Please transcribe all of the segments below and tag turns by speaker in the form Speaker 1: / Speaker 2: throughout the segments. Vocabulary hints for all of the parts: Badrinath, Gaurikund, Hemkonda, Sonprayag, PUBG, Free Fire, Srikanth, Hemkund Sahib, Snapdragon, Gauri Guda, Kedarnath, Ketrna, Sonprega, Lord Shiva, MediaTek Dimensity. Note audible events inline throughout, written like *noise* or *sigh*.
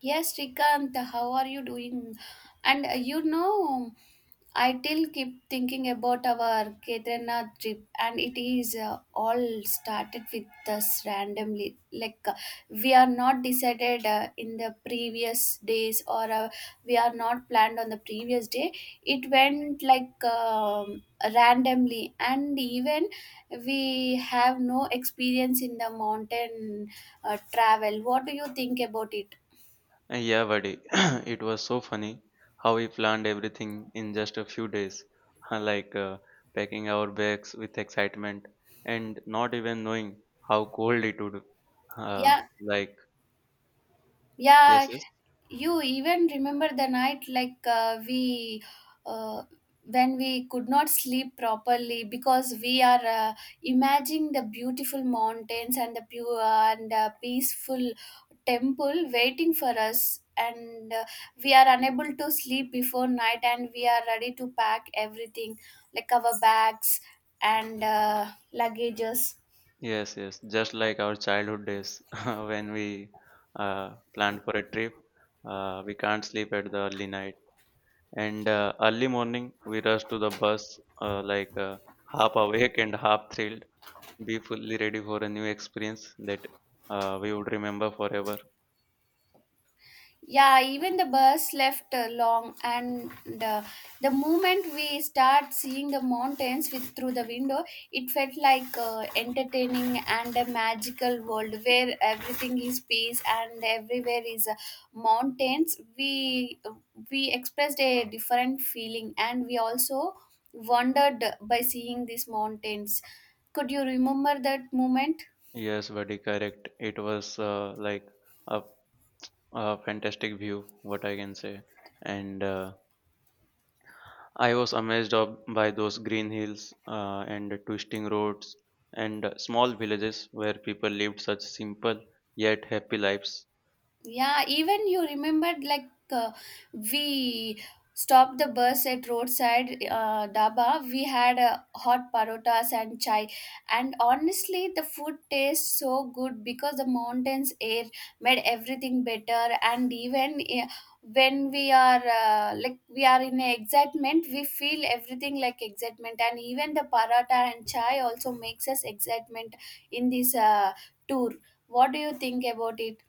Speaker 1: Yes, Srikanth, how are you doing? And I still keep thinking about our Kedarnath trip, and it is all started with us randomly. Like, we are not decided in the previous days, or we are not planned on the previous day. It went like randomly, and even we have no experience in the mountain travel. What do you think about it?
Speaker 2: Yeah, buddy, *clears throat* it was so funny how we planned everything in just a few days, *laughs* like uh, packing our bags with excitement and not even knowing how cold it would. Uh,
Speaker 1: Yeah,
Speaker 2: like, yes,
Speaker 1: yeah,
Speaker 2: yes,
Speaker 1: you even remember the night like we uh, when we could not sleep properly because we are imagining the beautiful mountains and the pure and peaceful temple waiting for us, and we are unable to sleep before night, and we are ready to pack everything, like our bags and luggages.
Speaker 2: yes, just like our childhood days *laughs* when we planned for a trip, we can't sleep at the early night. And Early morning, we rush to the bus, half awake and half thrilled. Be fully ready for a new experience that we would remember forever.
Speaker 1: Yeah, even the bus left long, and uh, the moment we start seeing the mountains with through the window, it felt like entertaining and a magical world where everything is peace and everywhere is mountains. We expressed a different feeling, and we also wondered by seeing these mountains. Could you remember that moment?
Speaker 2: Yes, very correct. It was like a, a fantastic view, what I can say. And I was amazed of, by those green hills and the twisting roads and small villages where people lived such simple yet happy lives.
Speaker 1: Yeah, even you remembered like we stopped the bus at roadside daba. We had hot parotas and chai, and honestly, the food tastes so good because the mountains air made everything better. And even when we are like we are in a excitement, we feel everything like excitement. And even the paratha and chai also makes us excitement in this tour. What do you think about it?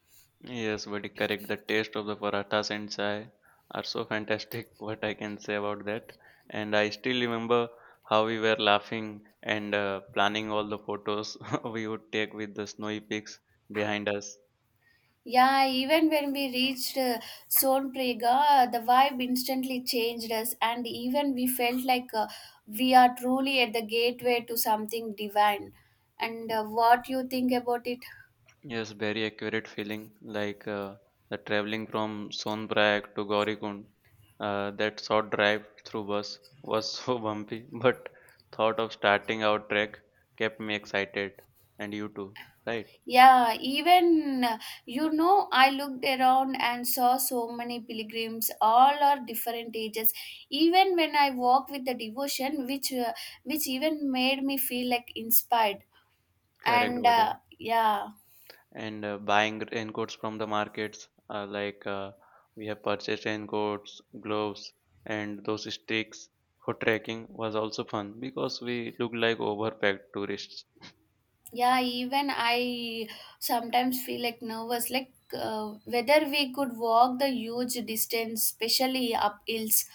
Speaker 2: Yes, very correct. The taste of the parathas and chai are so fantastic. *laughs* What I can say about that. And I still remember how we were laughing and planning all the photos *laughs* we would take with the snowy peaks behind us.
Speaker 1: Yeah, even when we reached Sonprega, the vibe instantly changed us, and even we felt like we are truly at the gateway to something divine. And what you think about it?
Speaker 2: Yes, very accurate feeling. The traveling from Sonprayag to Gaurikund, that short drive through bus was *laughs* so bumpy, but thought of starting our trek kept me excited. And you too, right?
Speaker 1: Yeah, I looked around and saw so many pilgrims, all are different ages. Even when I walk with the devotion, which even made me feel like inspired.
Speaker 2: Correct,
Speaker 1: And
Speaker 2: buddy.
Speaker 1: yeah.
Speaker 2: And Buying raincoats from the markets. We have purchased raincoats, gloves, and those sticks for trekking was also fun because we looked like overpacked tourists.
Speaker 1: Yeah, even I sometimes feel like nervous, like whether we could walk the huge distance, especially up hills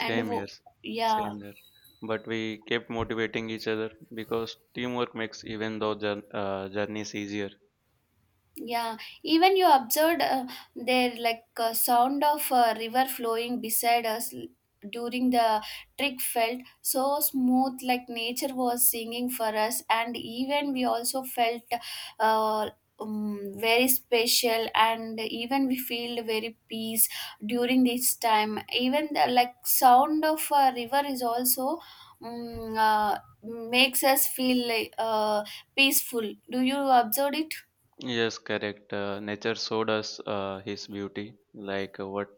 Speaker 1: and
Speaker 2: here,
Speaker 1: yeah.
Speaker 2: same here. But we kept motivating each other because teamwork makes journeys easier.
Speaker 1: Yeah, even you observed there like sound of a river flowing beside us during the trick felt so smooth, like nature was singing for us, and even we also felt uh, very special, and even we feel very peace during this time. Even the like sound of a river is also makes us feel like, peaceful. Do you observe it?
Speaker 2: Yes, correct. Nature showed us his beauty, what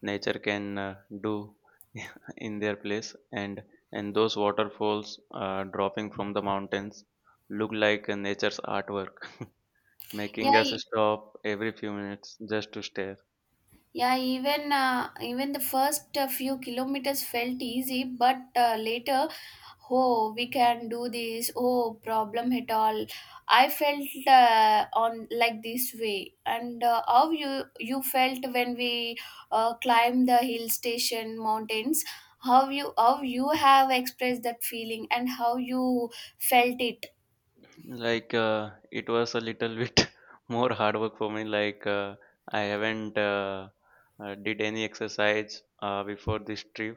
Speaker 2: nature can do *laughs* in their place, and those waterfalls dropping from the mountains look like nature's artwork, *laughs* making
Speaker 1: Yeah.
Speaker 2: us stop every few minutes just to stare.
Speaker 1: Yeah, even even the first few kilometers felt easy, but later, oh, we can do this. Oh, problem at all. I felt on like this way, and how you felt when we climbed the hill station mountains. How you have expressed that feeling and how you felt it.
Speaker 2: It was a little bit *laughs* more hard work for me. I haven't did any exercise before this trip,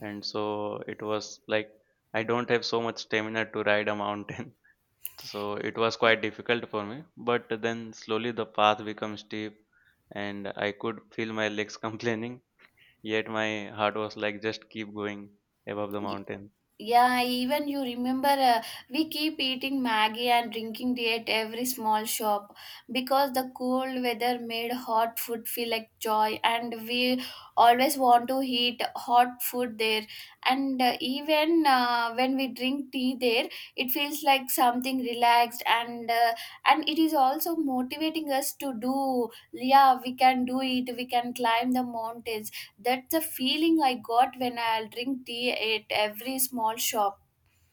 Speaker 2: and so it was like I don't have so much stamina to ride a mountain. *laughs* So it was quite difficult for me. But then slowly the path became steep, and I could feel my legs *laughs* complaining. Yet my heart was like, just keep going above the mountain.
Speaker 1: Yeah, even you remember we keep eating Maggie and drinking tea at every small shop because the cold weather made hot food feel like joy, and we always want to eat hot food there. And even when we drink tea there, it feels like something relaxed, and and it is also motivating us to do, yeah, we can do it, we can climb the mountains. That's the feeling I got when I'll drink tea at every small shop.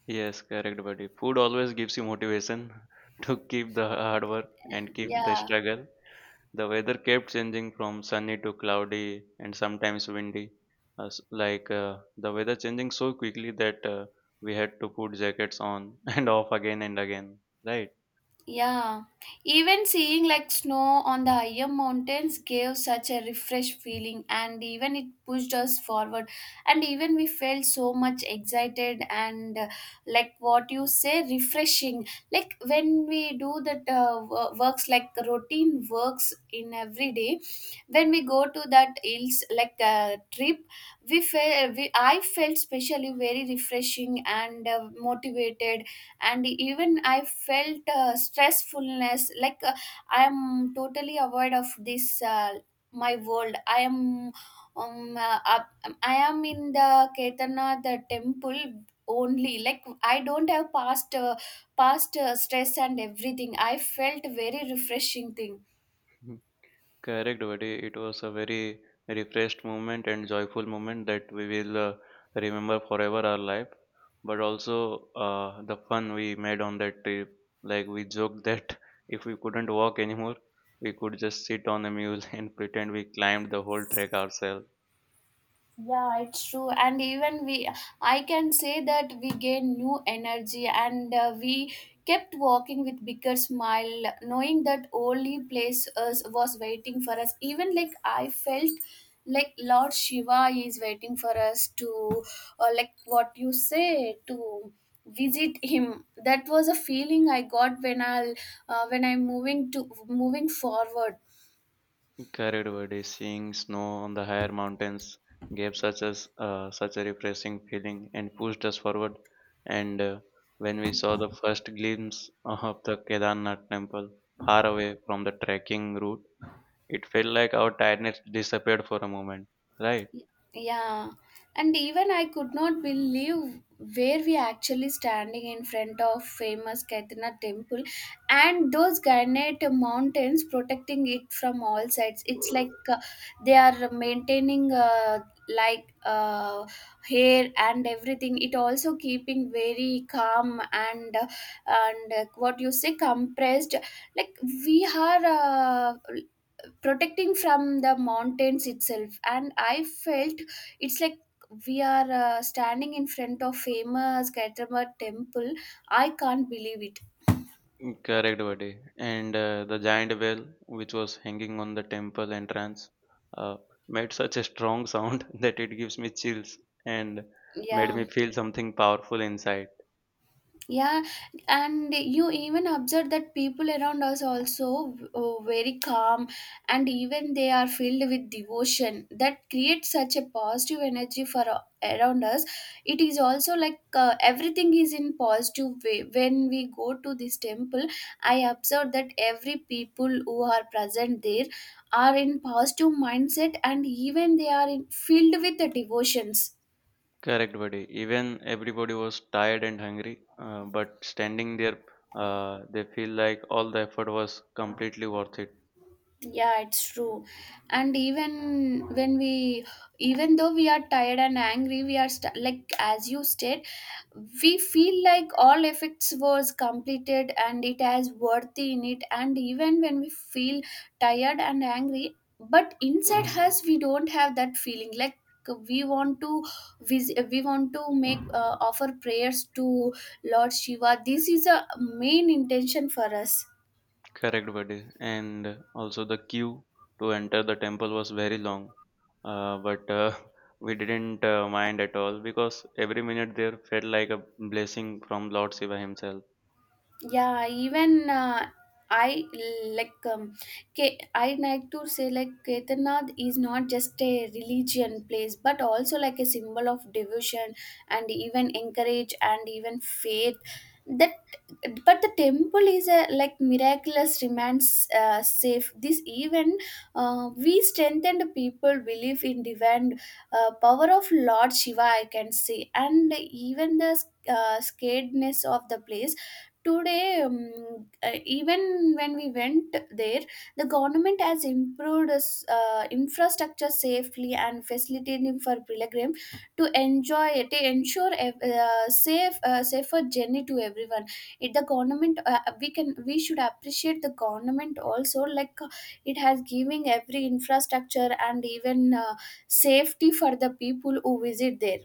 Speaker 2: Yes, correct, buddy. Food always gives you motivation *laughs* to keep the hard work and keep the
Speaker 1: Yeah.
Speaker 2: struggle. The weather kept changing from sunny to cloudy and sometimes windy. The weather changing so quickly that we had to put jackets on *laughs* and off again and again, right?
Speaker 1: Yeah, even seeing like snow on the higher mountains gave such a refreshed feeling, and even it pushed us forward, and even we felt so much excited. And like what you say, refreshing, like when we do that works like routine works in every day. When we go to that hills like trip, we I felt specially very refreshing and motivated. And even I felt stressfulness like I am totally aware of this my world. I am in the ketana the temple only. Like, I don't have past stress, and everything I felt very refreshing thing.
Speaker 2: Correct, buddy. It was a very refreshed moment and joyful moment that we will remember forever our life. But also the fun we made on that trip. Like we joked that *laughs* if we couldn't walk anymore, we could just sit on a mule *laughs* and pretend we climbed the whole trek ourselves.
Speaker 1: Yeah, it's true. And even we, I can say that we gain new energy, and we kept walking with bigger smile, knowing that only place us was waiting for us. Even like I felt like Lord Shiva is waiting for us to, like what you say, to visit him. That was a feeling I got when I'll, when I'm moving to moving forward.
Speaker 2: Correct word is seeing snow on the higher mountains gave such a refreshing feeling and pushed us forward. And When we saw the first glimpse of the Kedarnath temple far away from the trekking route, it felt like our tiredness disappeared for a moment, right?
Speaker 1: Yeah, and even I could not believe where we actually standing in front of famous Ketrna temple, and those granite mountains protecting it from all sides. It's like they are maintaining like, hair and everything. It also keeping very calm, and what you say, compressed. Like, we are uh, protecting from the mountains itself, and I felt it's like we are standing in front of famous gautama temple. I can't believe it.
Speaker 2: Mm, correct, buddy. And The giant bell, which was hanging on the temple entrance, uh, made such a strong sound *laughs* that it gives me chills and made
Speaker 1: Yeah.
Speaker 2: me feel something powerful inside.
Speaker 1: Yeah, and you even observe that people around us also very calm, and even they are filled with devotion that creates such a positive energy for around us. It is also like everything is in positive way. When we go to this temple, I observe that every people who are present there are in positive mindset, and even they are in, filled with the devotions.
Speaker 2: Correct, buddy. Even everybody was tired and hungry, but standing there, they feel like all the effort was completely worth it.
Speaker 1: Yeah, it's true. And even when we, even though we are tired and angry, we are like, as you said, we feel like all effects was completed and it has worthy in it. And even when we feel tired and angry, but inside us, we don't have that feeling. Like, we want to we want to make offer prayers to Lord Shiva. This is a main intention for us.
Speaker 2: Correct, buddy. And also the queue to enter the temple was very long, but *laughs* we didn't mind at all because every minute there felt like a blessing from Lord Shiva himself.
Speaker 1: Yeah, even I like I like to say like Kedarnath is not just a religion place, but also like a symbol of devotion, and even encourage, and even faith. That but the temple is a like miraculous remains safe. This even we strengthened people belief in divine power of Lord Shiva, I can say, and even the scaredness of the place. Today, even when we went there, the government has improved infrastructure safely and facilitating for pilgrim to enjoy, to ensure a safer journey to everyone. It, the government we should appreciate the government also, like it has giving every infrastructure, and even safety for the people who visit there.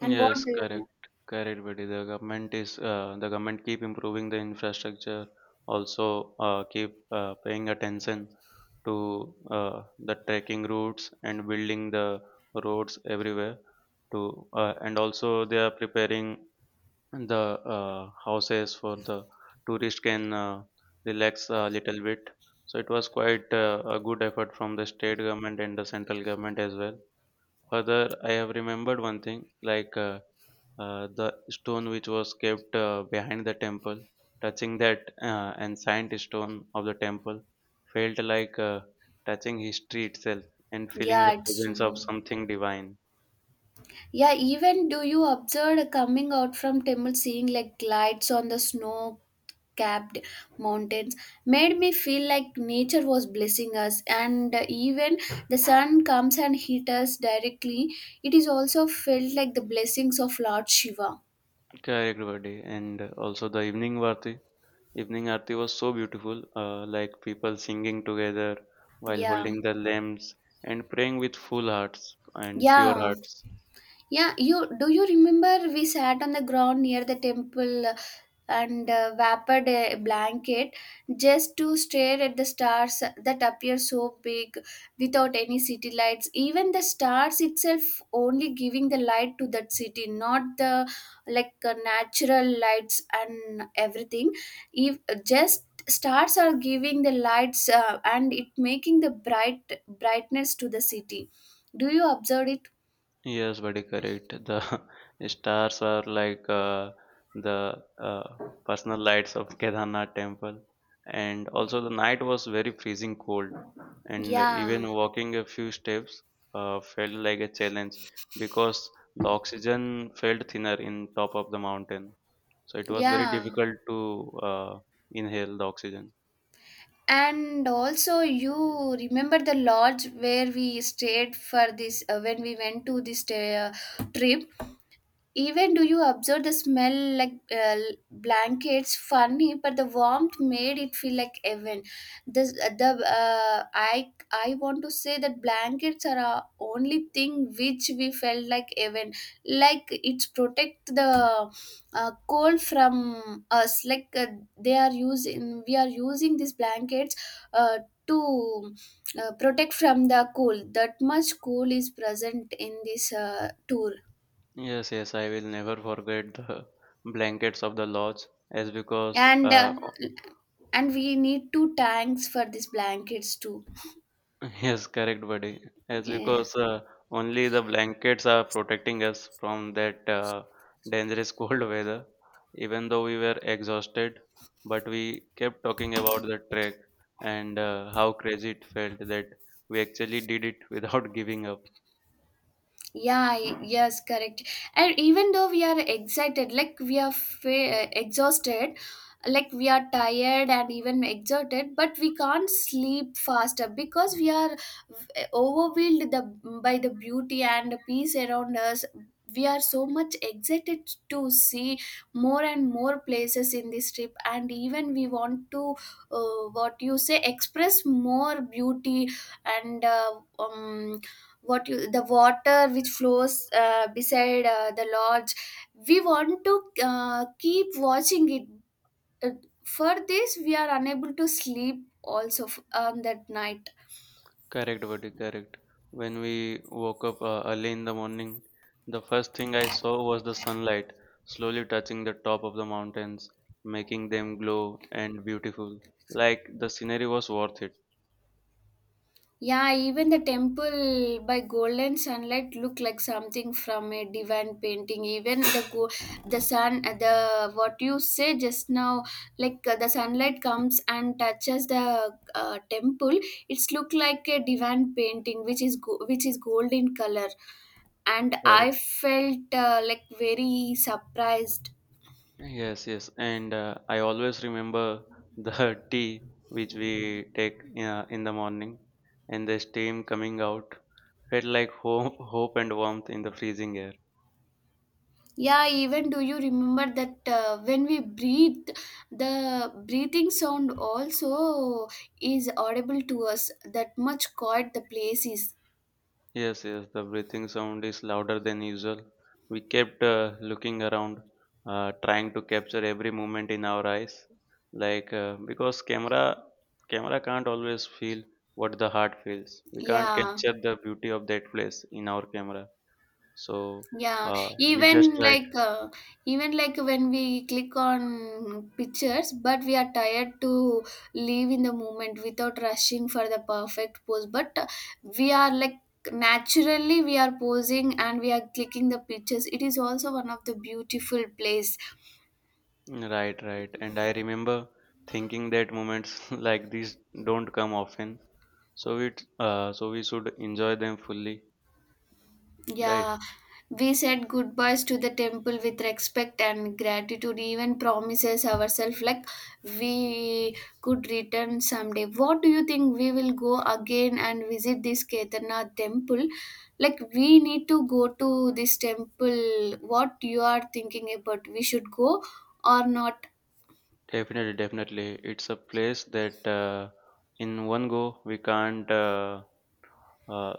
Speaker 1: And what
Speaker 2: Yes,
Speaker 1: do you-
Speaker 2: correct, correct, buddy. The government is the government keep improving the infrastructure, also keep paying attention to the trekking routes and building the roads everywhere. To And also they are preparing the houses for the tourist can relax a little bit. So it was quite a good effort from the state government and the central government as well. Further, I have remembered one thing like the stone which was kept behind the temple, touching that ancient stone of the temple felt like touching history itself and feeling
Speaker 1: yeah,
Speaker 2: the
Speaker 1: it's.
Speaker 2: presence of something divine.
Speaker 1: Yeah, even do you observe coming out from temple, seeing like lights on the snow capped mountains made me feel like nature was blessing us, and even the sun comes and hit us directly. It is also felt like the blessings of Lord Shiva.
Speaker 2: Correct, buddy. And also the evening Aarti was so beautiful, like people singing together while
Speaker 1: Yeah.
Speaker 2: holding their lamps and praying with full hearts and pure
Speaker 1: Yeah.
Speaker 2: hearts.
Speaker 1: Yeah, you do you remember we sat on the ground near the temple and wrapped a blanket just to stare at the stars that appear so big without any city lights. Even the stars itself only giving the light to that city, not the like natural lights and everything. If just stars are giving the lights and it making the bright brightness to the city. Do you observe it?
Speaker 2: Yes, very correct. The *laughs* stars are like the personal lights of *laughs* Kedarnath temple. And also, the night was very freezing cold, and
Speaker 1: Yeah.
Speaker 2: even walking a few steps felt like a challenge because the oxygen felt thinner in top of the mountain. So it was very
Speaker 1: Yeah,
Speaker 2: difficult to inhale the oxygen.
Speaker 1: and also you remember the lodge where we stayed for this when we went to this trip. Even do you observe the smell like blankets funny, but the warmth made it feel like heaven. This the I want to say that blankets are our only thing which we felt like heaven. Like, it's protect the cold from us. Like they are using we are using these blankets uh, to protect from the cold. That much cool is present in this tour.
Speaker 2: Yes, yes, I will never forget the *laughs* blankets of the lodge as because
Speaker 1: And and we need two tanks for these blankets too.
Speaker 2: *laughs* yes, correct, buddy. As
Speaker 1: Yeah.
Speaker 2: because Only the blankets are protecting us from that dangerous *laughs* cold weather. Even though we were exhausted, but we kept talking about the trek and how crazy it felt that we actually did it without *laughs* giving up.
Speaker 1: Yeah, yes, correct. And even though we are excited, like we are exhausted, like we are tired and even exerted, but we can't sleep faster because we are overwhelmed by the beauty and the peace around us. We are so much excited to see more and more places in this trip, and even we want to what you say, express more beauty. And what you, the water which flows beside the lodge, we want to keep watching it. Uh, for this, we are unable to sleep also on that night.
Speaker 2: Correct, buddy, correct. When we woke up early in the morning, the first thing I saw was the sunlight slowly touching the top of the mountains, making them glow and beautiful. Like the scenery was worth it.
Speaker 1: Yeah, even the temple by golden sunlight look like something from a divine painting. Even the the sun, the what you say just now, like the sunlight comes and touches the temple. It's look like a divine painting, which is which is gold in color. And I
Speaker 2: Correct.
Speaker 1: felt like very surprised.
Speaker 2: Yes, yes. And I always remember the *laughs* tea which we take in the morning and the steam coming out felt like hope, hope and warmth in the freezing air.
Speaker 1: Yeah, even do you remember that when we breathe, the breathing sound also is audible to us. That much quiet the place is.
Speaker 2: Yes, yes, the breathing sound is louder than usual. We kept looking around, trying to capture every movement in our eyes, because camera can't always feel what the heart feels. We can't
Speaker 1: Yeah,
Speaker 2: capture the beauty of that place in our camera. So
Speaker 1: yeah.
Speaker 2: uh, we just tried.
Speaker 1: Even like when we click on pictures, but we are tired to live in the moment without rushing for the perfect pose. But we are like naturally we are posing and we are clicking the pictures. It is also one of the beautiful place.
Speaker 2: Right, right. And I remember thinking that moments *laughs* like these don't come often, so so we should enjoy them fully, right?
Speaker 1: Yeah, we said goodbyes to the temple with respect and gratitude, even promises ourselves like we could return someday. What do you think? We will go again and visit this Kedarnath temple? Like we need to go to this temple. What you are thinking about? We should go or not?
Speaker 2: Definitely, definitely. It's a place that in one go we can't uh,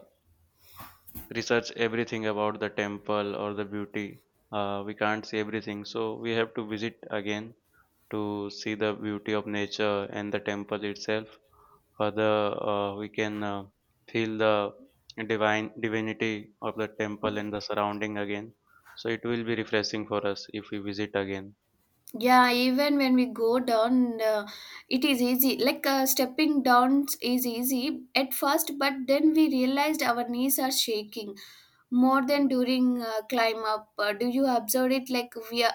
Speaker 2: research everything about the temple or the beauty. We can't see everything, so we have to visit again to see the beauty of nature and the temple itself. Further, we can feel the divine divinity of the temple and the surrounding again. So it will be refreshing for us if we visit again.
Speaker 1: Yeah, even when we go down, it is easy. Like, stepping down is easy at first, but then we realized our knees are shaking more than during climb up. Do you observe it? Like we are,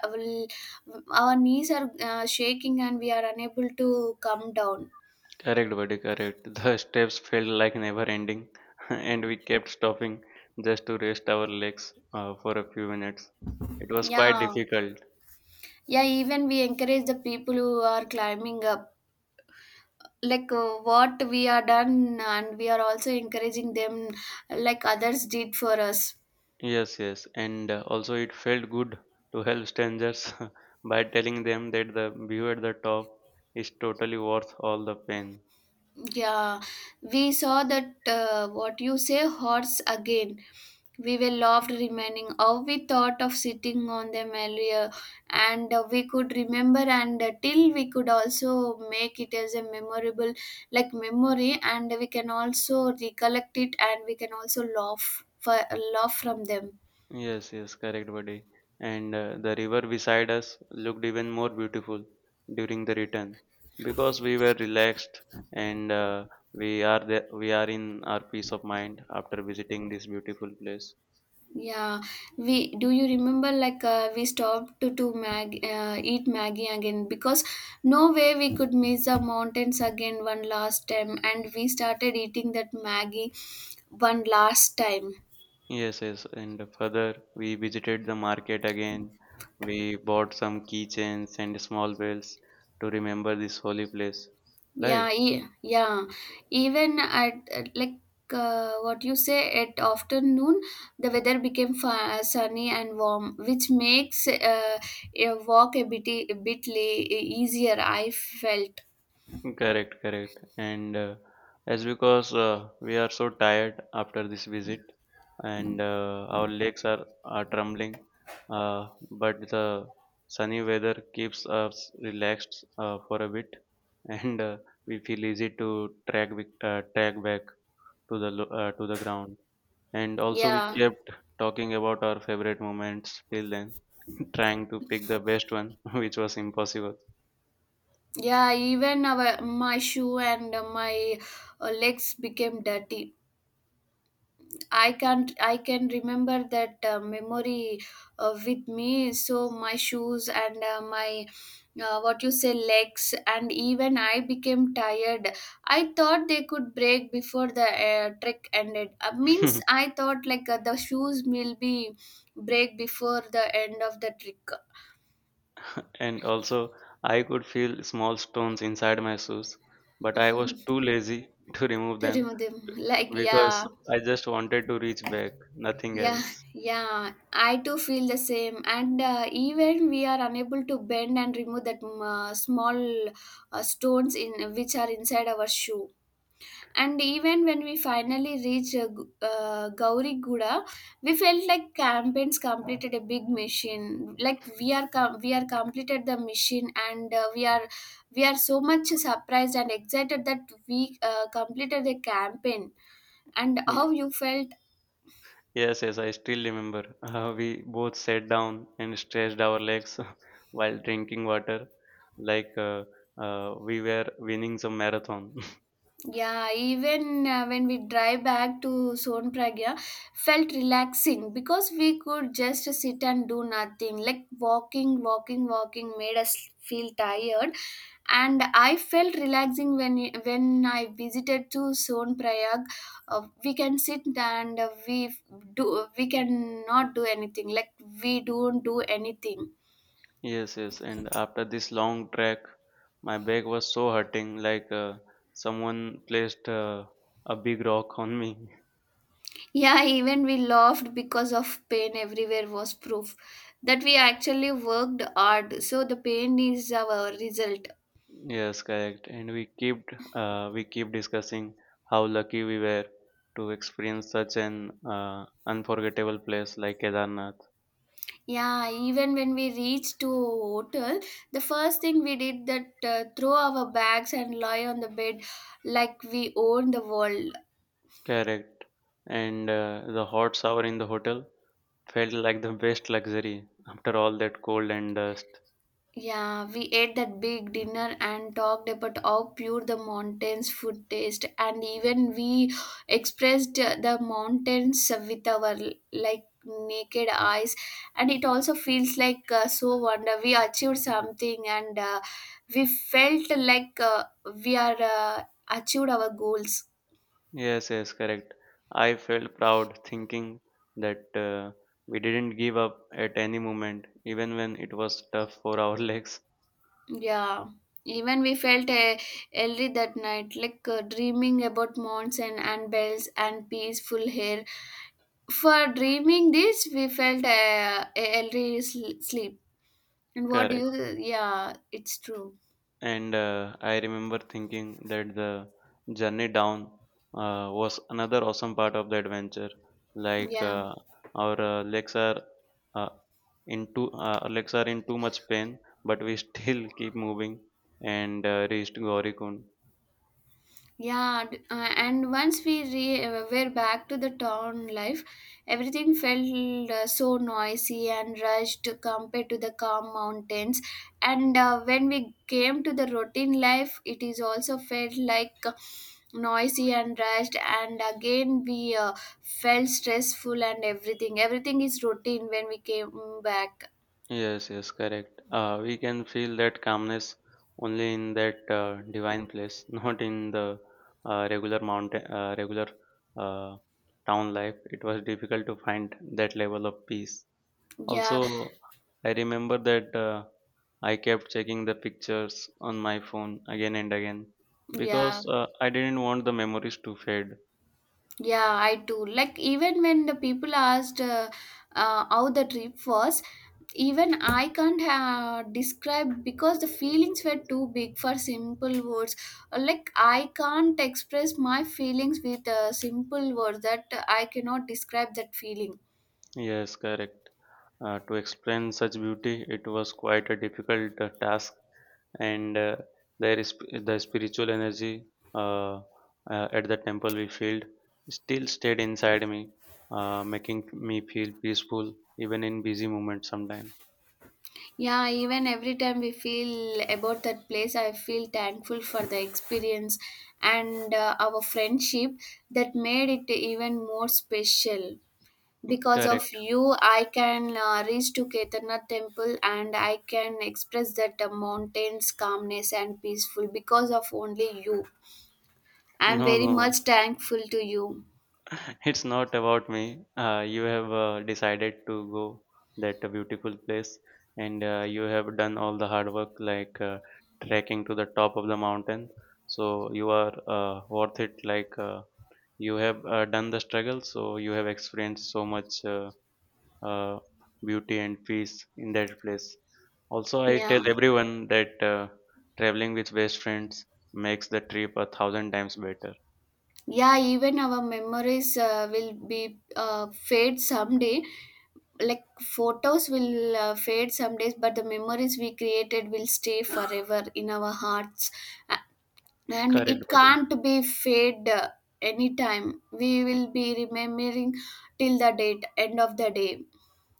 Speaker 1: our knees are shaking and we are unable to come down.
Speaker 2: Correct, buddy, correct. The *laughs* steps felt like never ending, *laughs* and we kept stopping just to rest our legs for a few minutes. It was quite
Speaker 1: Yeah,
Speaker 2: difficult.
Speaker 1: yeah. Even we encourage the people who are climbing up. Like what we are done, and we are also encouraging them, like others did for us.
Speaker 2: Yes, yes, and also it felt good to help strangers *laughs* by telling them that the view at the top is totally worth all the pain.
Speaker 1: Yeah, we saw that what you say, horse again. We were loved remaining how we thought of sitting on them earlier, and we could remember and till we could also make it as a memorable, like memory, and we can also recollect it and we can also laugh for laugh from them.
Speaker 2: Yes, yes, correct, buddy. And The river beside us looked even more beautiful during the return because we were relaxed and we are in our peace of mind after visiting this beautiful place.
Speaker 1: Yeah, we do you remember like we stopped to mag eat Maggie again because no way we could miss the mountains again one last time and we started eating that Maggie one last time.
Speaker 2: Yes, yes, and further we visited the market again. We bought some keychains and small bells to remember this holy place. Right?
Speaker 1: Yeah, yeah. Even at like what you say at afternoon the weather became sunny and warm which makes a walk a bit easier I felt.
Speaker 2: Correct, correct. And as because We are so tired after this visit, and our are trembling. But the sunny weather keeps us relaxed for a bit, *laughs* and we feel easy to track with, track back to to the ground. And also, we
Speaker 1: Yeah.
Speaker 2: kept talking about our favorite moments till then, *laughs* trying to pick the best one, *laughs* which was impossible.
Speaker 1: Yeah, even our my shoe and my legs became dirty. I can't. I can remember that memory with me. So my shoes and my what you say legs and even I became tired. I thought they could break before the trek ended. Means I
Speaker 2: *laughs*
Speaker 1: thought like the shoes will be break before the end of the trick.
Speaker 2: And also, I could feel small stones inside my shoes, but I was too lazy *laughs* to remove
Speaker 1: To
Speaker 2: them
Speaker 1: remove *laughs* them, like yeah.
Speaker 2: because I just wanted to reach back, nothing
Speaker 1: Yeah,
Speaker 2: else.
Speaker 1: yeah, I too feel the same. And even we are unable to bend and remove that small stones in which are inside our shoe. And even when we finally reached Gauri Guda, we felt like campaigns completed a big mission. Like we are we are completed the mission, and we are so much surprised and excited that we completed the campaign. And
Speaker 2: Y-
Speaker 1: how you felt?
Speaker 2: Yes, yes, I still remember. *laughs* We both sat down and stretched our legs *laughs* while drinking water, like we were winning some marathon. *laughs*
Speaker 1: Yeah, even when we drive back to Sonpragya, felt relaxing because we could just sit and do nothing. Like walking, walking, walking made us feel tired, and I felt relaxing when I visited to Sonprayag. We can sit and we do we cannot do anything. Like we don't do anything.
Speaker 2: Yes, yes, and after this long trek, my back was so hurting, like someone placed a big rock on me. *laughs*
Speaker 1: Yeah, even we laughed because of pain everywhere was proof that we actually worked hard. So the pain is our result.
Speaker 2: Yes, correct. And we keep discussing how lucky we were to experience such an unforgettable place like Kedarnath.
Speaker 1: Yeah, even when we reached to hotel, the first thing we did that throw our bags and lie on the bed like we own the world.
Speaker 2: Correct. And The hot shower in the hotel felt like the best luxury after all that cold and dust.
Speaker 1: Yeah, we ate that big dinner and talked about how pure the mountains' food taste, and even we expressed the mountains with our like naked eyes, and it also feels like so wonder we achieved something, and we felt like we are achieved our goals.
Speaker 2: Yes, yes, correct. I felt proud thinking that we didn't give up at any moment, even when it was tough for our *laughs* legs.
Speaker 1: Yeah, even we felt early that night, like dreaming about mountains and bells and peaceful air. For dreaming this, we felt a healthy sleep. And what do
Speaker 2: Correct.
Speaker 1: you? Yeah, it's true.
Speaker 2: And I remember thinking that the journey down was another awesome part of the adventure. Like
Speaker 1: Yeah.
Speaker 2: our legs are uh, in too, our legs are in too much pain, but we still *laughs* keep moving and reached Gaurikund.
Speaker 1: Yeah, and once we were back to the town life, everything felt so noisy and rushed compared to the calm mountains. And when we came to the routine life, it is also felt like noisy and rushed. And again, we felt stressful and everything. Everything is routine when we came back.
Speaker 2: Yes, yes, correct. We can feel that calmness only in that divine place, *laughs* not in the regular uh, town life. It was difficult to find that level of peace.
Speaker 1: Yeah,
Speaker 2: Also, I remember that I kept checking the pictures on my phone again and again
Speaker 1: yeah.
Speaker 2: because I didn't want the memories to fade.
Speaker 1: Yeah, I too. Like even when the people asked how the trip was, even I can't describe because the feelings were too big for simple words. Like I can't express my feelings with simple words. That I cannot describe that feeling.
Speaker 2: Yes, correct. To explain such beauty. It was quite a difficult task, and there is the spiritual energy uh, at the temple we felt still stayed inside me, making me feel peaceful even in busy moments. Sometimes,
Speaker 1: Yeah, even every time we feel about that place, I feel thankful for the experience and our friendship that made it even more special. Because of
Speaker 2: correct?
Speaker 1: you I can reach to Kedarnath temple and I can express that mountains calmness and peaceful because of only you. I'm
Speaker 2: No,
Speaker 1: very much
Speaker 2: no.
Speaker 1: thankful to you.
Speaker 2: It's not about me. You have decided to go that beautiful place, and you have done all the hard work, trekking to the top of the mountain. So you are worth it. You have done the struggle, so you have experienced so much uh, beauty and peace in that place. Also, I tell
Speaker 1: Yeah,
Speaker 2: everyone that traveling with best friends makes the trip a thousand times better.
Speaker 1: yeah, even our memories will be fade someday. Like photos will fade some days, but the memories we created will stay forever in our hearts, and it
Speaker 2: Correct, buddy.
Speaker 1: can't be fade anytime. We will be remembering till the date end of the day.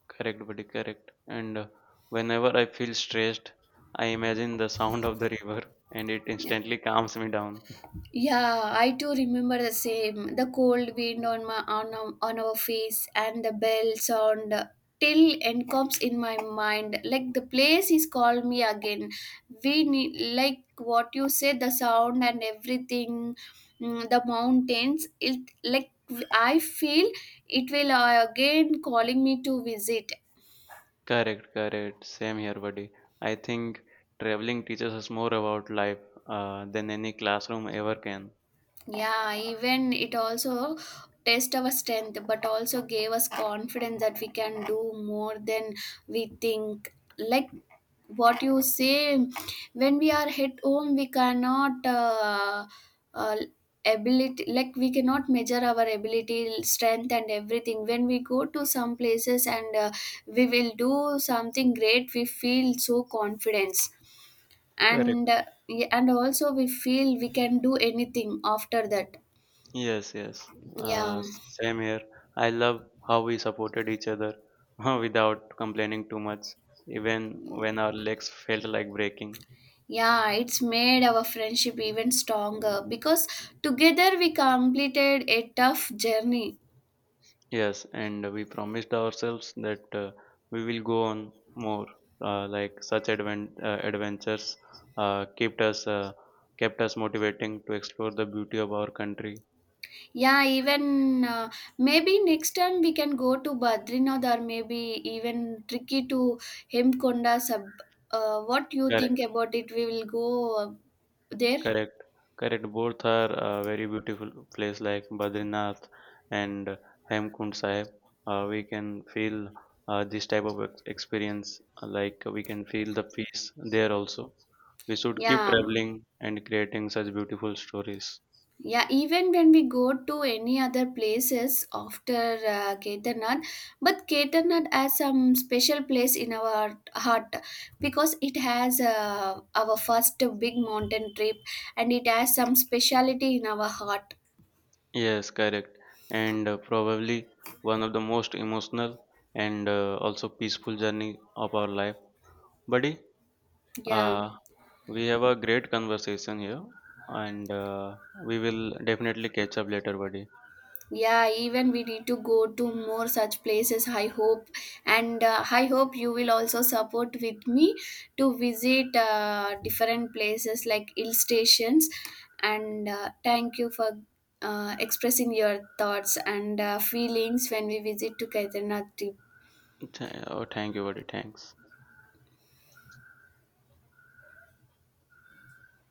Speaker 2: Correct, buddy, correct. And Whenever I feel stressed, I imagine the sound of the river and it
Speaker 1: Yeah.
Speaker 2: instantly calms me down. *laughs*
Speaker 1: Yeah, I too remember the same. The cold wind on my on, on our face and the bell sound till and comes in my mind. Like the place is called me again. We need like what you said, the sound and everything, mm, the mountains. It like I feel it will again calling me to visit.
Speaker 2: Correct, correct. Same here, buddy. I think traveling teaches us more about life than any classroom ever can.
Speaker 1: Yeah, even it also test our strength, but also gave us confidence that we can do more than we think. Like what you say, when we are at home, we cannot uh, ability like we cannot measure our ability, strength, and everything. When we go to some places and we will do something great, we feel so confidence, and
Speaker 2: Correct.
Speaker 1: uh, yeah, and also we feel we can do anything after that.
Speaker 2: Yes, yes.
Speaker 1: Yeah,
Speaker 2: Same here. I love how we supported each other *laughs* without complaining too much, even when our legs felt like breaking.
Speaker 1: yeah, it's made our friendship even stronger because together we completed a tough journey.
Speaker 2: Yes, and we promised ourselves that we will go on more. Like such adventures uh, kept us uh, kept us motivating to explore the beauty of our country.
Speaker 1: Yeah, even maybe next time we can go to Badrinath or maybe even tricky to Hemkonda. Sub. What you think
Speaker 2: Correct,
Speaker 1: about it? We will go there.
Speaker 2: correct, correct. Both are very beautiful place like Badrinath and Hemkund Sahib. We can feel this type of experience. Like we can feel the peace there also. We should keep
Speaker 1: Yeah.
Speaker 2: traveling and creating such beautiful stories.
Speaker 1: Yeah, even when we go to any other places after Kedarnath, but Kedarnath has some special place in our heart because it has our first big mountain trip and it has some speciality in our heart.
Speaker 2: Yes, correct. And Probably one of the most emotional and also peaceful journey of our life. Buddy,
Speaker 1: Yeah.
Speaker 2: uh, we have a great conversation here and we will definitely catch up later, buddy.
Speaker 1: Yeah, even we need to go to more such places, I hope, and I hope you will also support with me to visit different places like hill stations, and thank you for expressing your thoughts and feelings when we visit to Kedarnath trip.
Speaker 2: Oh, thank you, buddy. Thanks.